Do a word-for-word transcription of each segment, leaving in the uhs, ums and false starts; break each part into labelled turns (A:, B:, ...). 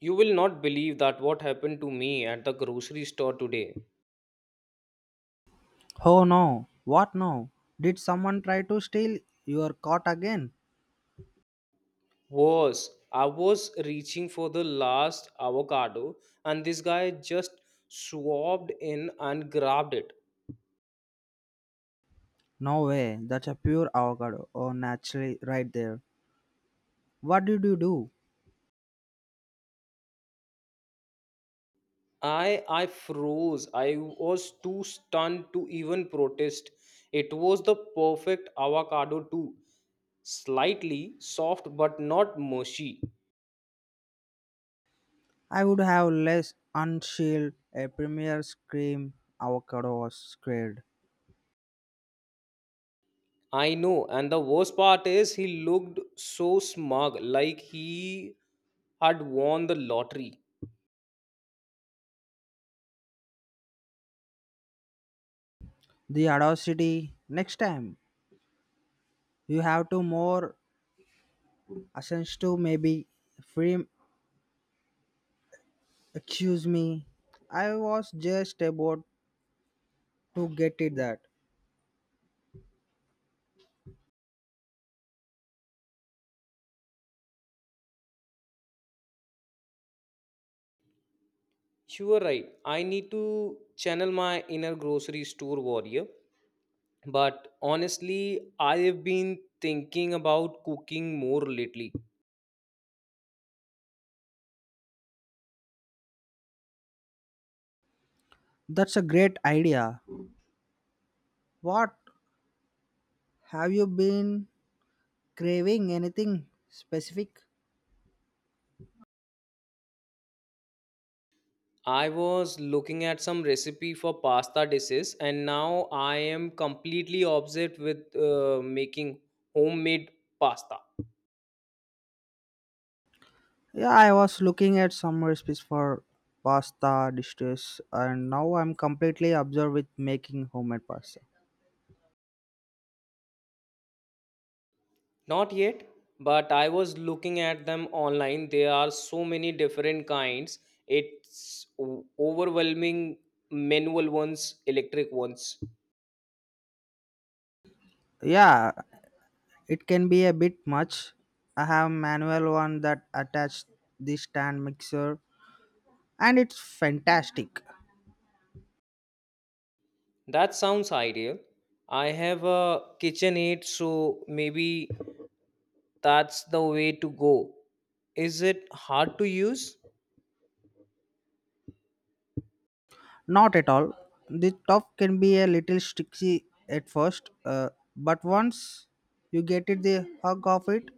A: You will not believe that what happened to me at the grocery store today
B: Oh no, what now? Did someone try to steal your cot again?
A: was I was reaching for the last avocado and this guy just swabbed in and grabbed it.
B: No way, that's a pure avocado. Oh, naturally, right there. What did you do?
A: I I froze. I was too stunned to even protest. It was the perfect avocado too. Slightly soft but not mushy.
B: I would have less unshield a premier scream avocado was scared.
A: I know, and the worst part is he looked so smug, like he had won the lottery.
B: The audacity next time. You have to more ascends to maybe free excuse me. I was just about to get it that.
A: You were right. I need to channel my inner grocery store warrior. But honestly, I have been thinking about cooking more lately.
B: That's a great idea. What have you been craving anything specific?
A: I was looking at some recipe for pasta dishes, and now I am completely obsessed with uh, making homemade pasta.
B: Yeah, I was looking at some recipes for pasta dishes, and now I'm completely absorbed with making homemade pasta.
A: Not yet, but I was looking at them online. There are so many different kinds. It's o- overwhelming manual ones, electric ones.
B: Yeah, it can be a bit much. I have manual one that attached the stand mixer, and it's fantastic.
A: That sounds ideal. I have a KitchenAid, so maybe that's the way to go. Is it hard to use?
B: Not at all. The top can be a little sticky at first, uh, but once you get it the hug of it,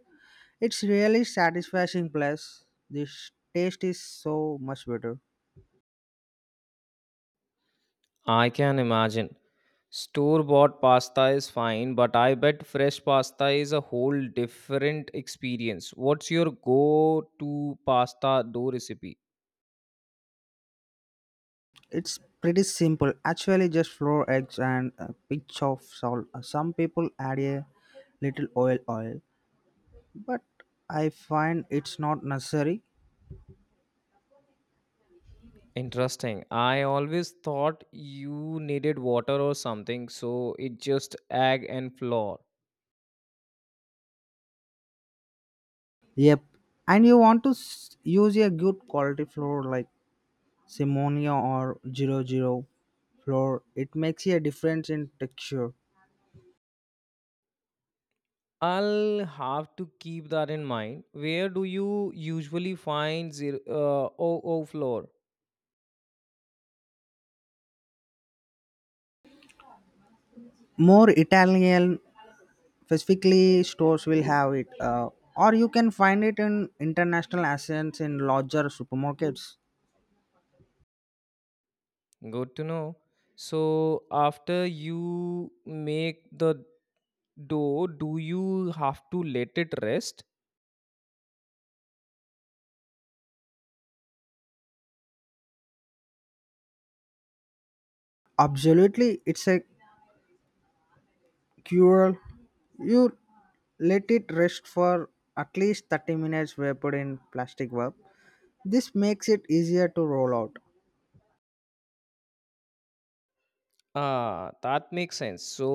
B: it's really satisfying plus this taste is so much better.
A: I can imagine. Store bought pasta is fine, but I bet fresh pasta is a whole different experience. What's your go to pasta dough recipe?
B: It's pretty simple. Actually just flour eggs and a pinch of salt. Uh, Some people add a little oil oil, but I find it's not necessary.
A: Interesting. I always thought you needed water or something, so it just egg and flour.
B: Yep. And you want to s- use a good quality flour like Simonia or zero zero flour. It makes a difference in texture.
A: I'll have to keep that in mind. Where do you usually find zero, uh, O O flour?
B: More Italian specifically stores will have it, uh, or you can find it in international accents in larger supermarkets.
A: Good to know. So after you make the do do you have to let it rest?
B: Absolutely, it's a cure. You let it rest for at least thirty minutes wrapped in plastic wrap. This makes it easier to roll out.
A: Ah, that makes sense, so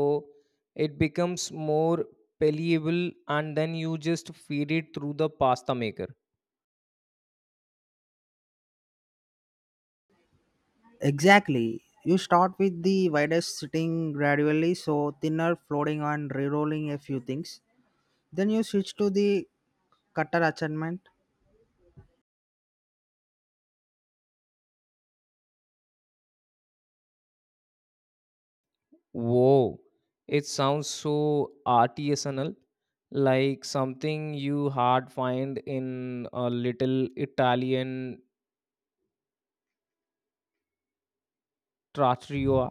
A: it becomes more palatable and then you just feed it through the pasta maker.
B: Exactly, you start with the widest sitting gradually so thinner floating and re-rolling a few things, then you switch to the cutter attachment.
A: Whoa, it sounds so artisanal, like something you hard find in a little Italian trattoria.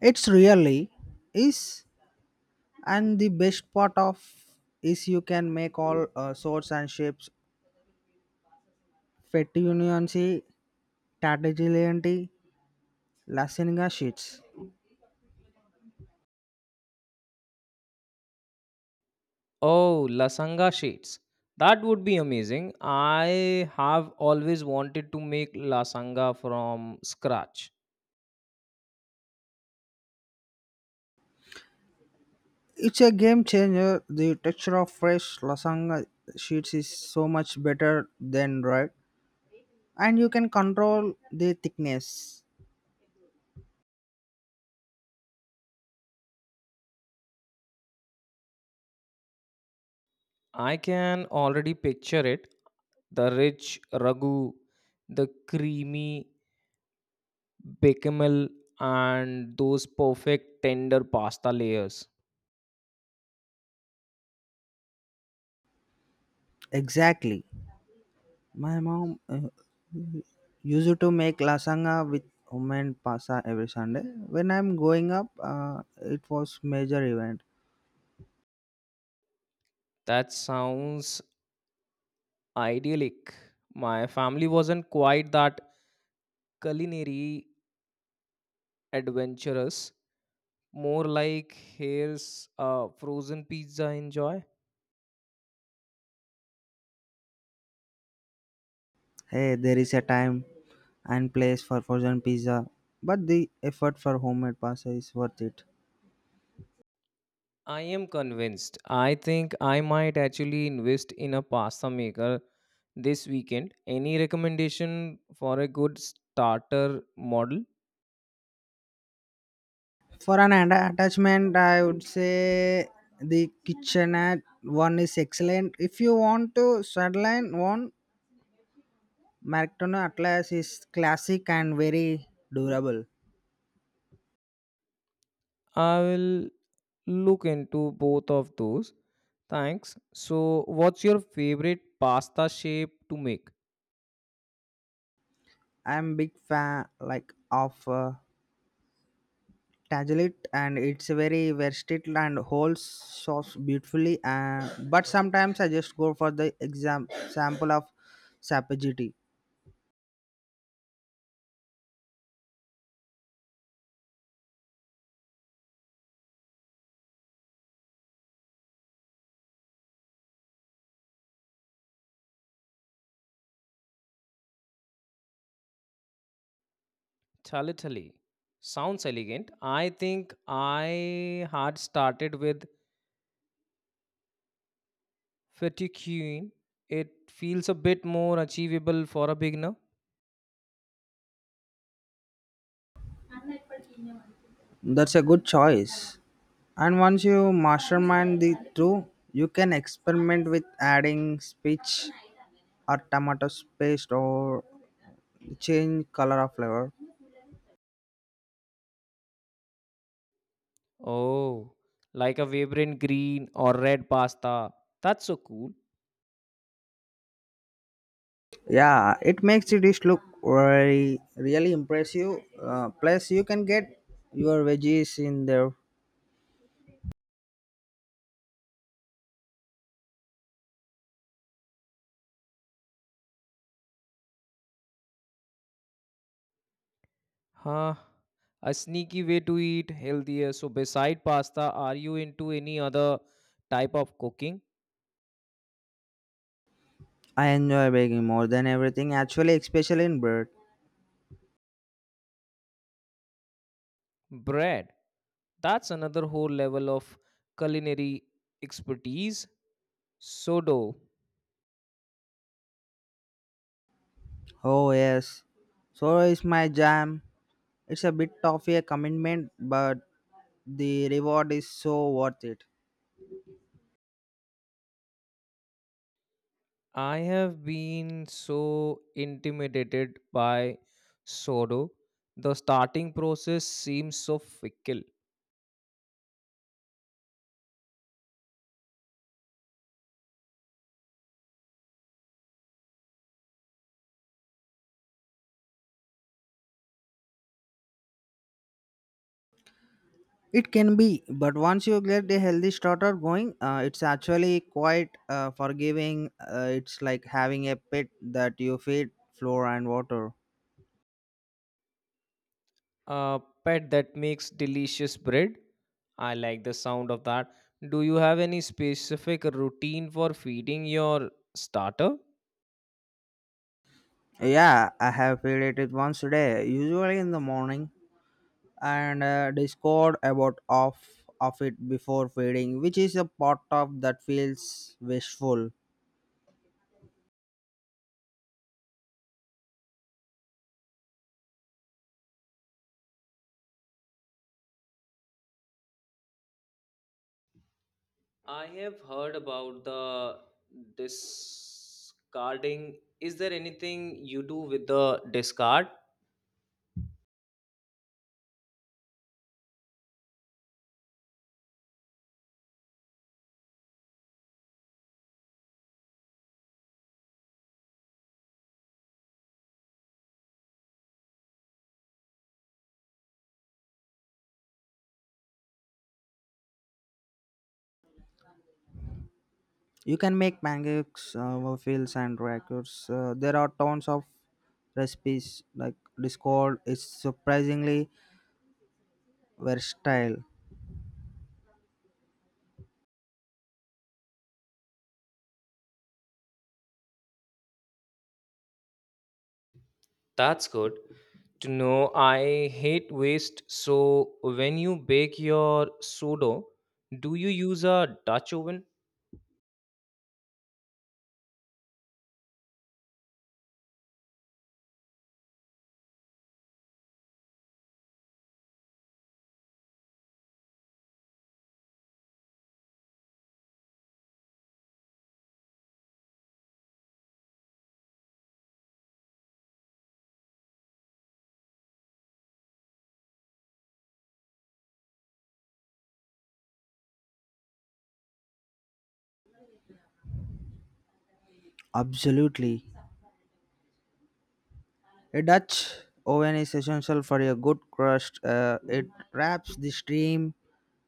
B: It's really is. And the best part of is you can make all uh, sorts and shapes. Fetty Unionsi, Tatagilianti, Lasanga sheets.
A: Oh, lasanga sheets. That would be amazing. I have always wanted to make lasanga from scratch.
B: It's a game changer. The texture of fresh lasagna sheets is so much better than dried, and you can control the thickness.
A: I can already picture it. The rich ragu, the creamy bechamel, and those perfect tender pasta layers.
B: Exactly. My mom uh, used to make lasagna with homemade pasta every Sunday. When I'm growing up, uh, it was major event.
A: That sounds idyllic. My family wasn't quite that culinary adventurous. More like here's a frozen pizza enjoy.
B: Hey, there is a time and place for frozen pizza, but the effort for homemade pasta is worth it.
A: I am convinced. I think I might actually invest in a pasta maker this weekend. Any recommendation for a good starter model?
B: For an atta- attachment, I would say the kitchenette one is excellent. If you want to sideline one, Merctono Atlas is classic and very durable.
A: I will look into both of those. Thanks. So, what's your favorite pasta shape to make?
B: I'm big fan like of uh, Tagelit and it's very versatile and holds sauce beautifully and but sometimes I just go for the exam sample of sapagiti.
A: Chale chale. Sounds elegant. I think I had started with fettuccine. It feels a bit more achievable for a beginner.
B: That's a good choice. And once you mastermind the two, you can experiment with adding speech or tomato paste or change color of flavor.
A: Oh, like a vibrant green or red pasta. That's so cool.
B: Yeah, it makes the dish look very really impressive. Uh, plus, you can get your veggies in there.
A: Huh. A sneaky way to eat healthier. So, beside pasta, are you into any other type of cooking?
B: I enjoy baking more than everything, actually, especially in bread.
A: Bread. That's another whole level of culinary expertise. So, do
B: Oh, yes. So is my jam. It's a bit of a commitment, but the reward is so worth it.
A: I have been so intimidated by sourdough. The starting process seems so fickle.
B: It can be, but once you get a healthy starter going, uh, it's actually quite uh, forgiving. Uh, it's like having a pet that you feed flour and water.
A: A pet that makes delicious bread. I like the sound of that. Do you have any specific routine for feeding your starter?
B: Yeah, I have fed it once today, usually in the morning. And uh, discord about off of it before feeding which is a part of that feels wishful.
A: I have heard about the discarding. Is there anything you do with the discard?
B: You can make pancakes, uh, fields and records. Uh, there are tons of recipes like discord is surprisingly versatile.
A: That's good to know. I hate waste. So, when you bake your sourdough, do you use a Dutch oven?
B: Absolutely, a dutch oven is essential for a good crust. Uh, it wraps the steam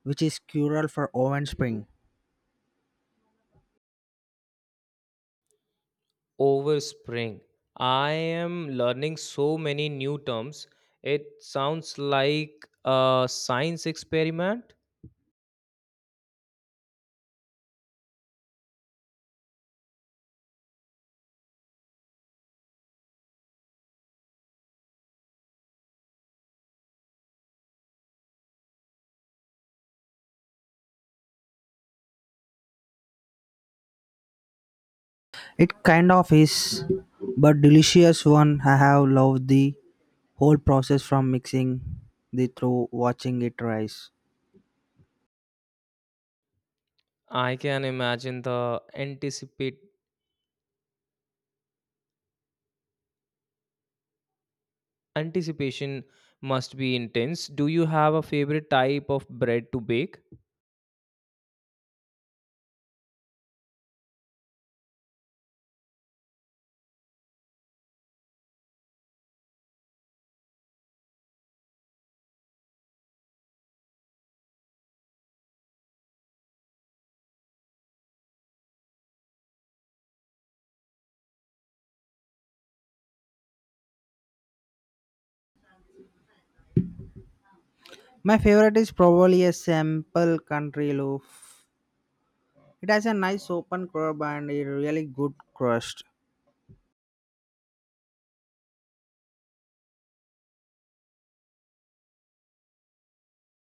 B: which is crucial for oven spring.
A: Over spring. I am learning so many new terms. It sounds like a science experiment.
B: It kind of is, but delicious one. I have loved the whole process from mixing the through watching it rise.
A: I can imagine the anticipate anticipation must be intense. Do you have a favorite type of bread to bake?
B: My favorite is probably a simple country loaf. It has a nice open curb and a really good crust.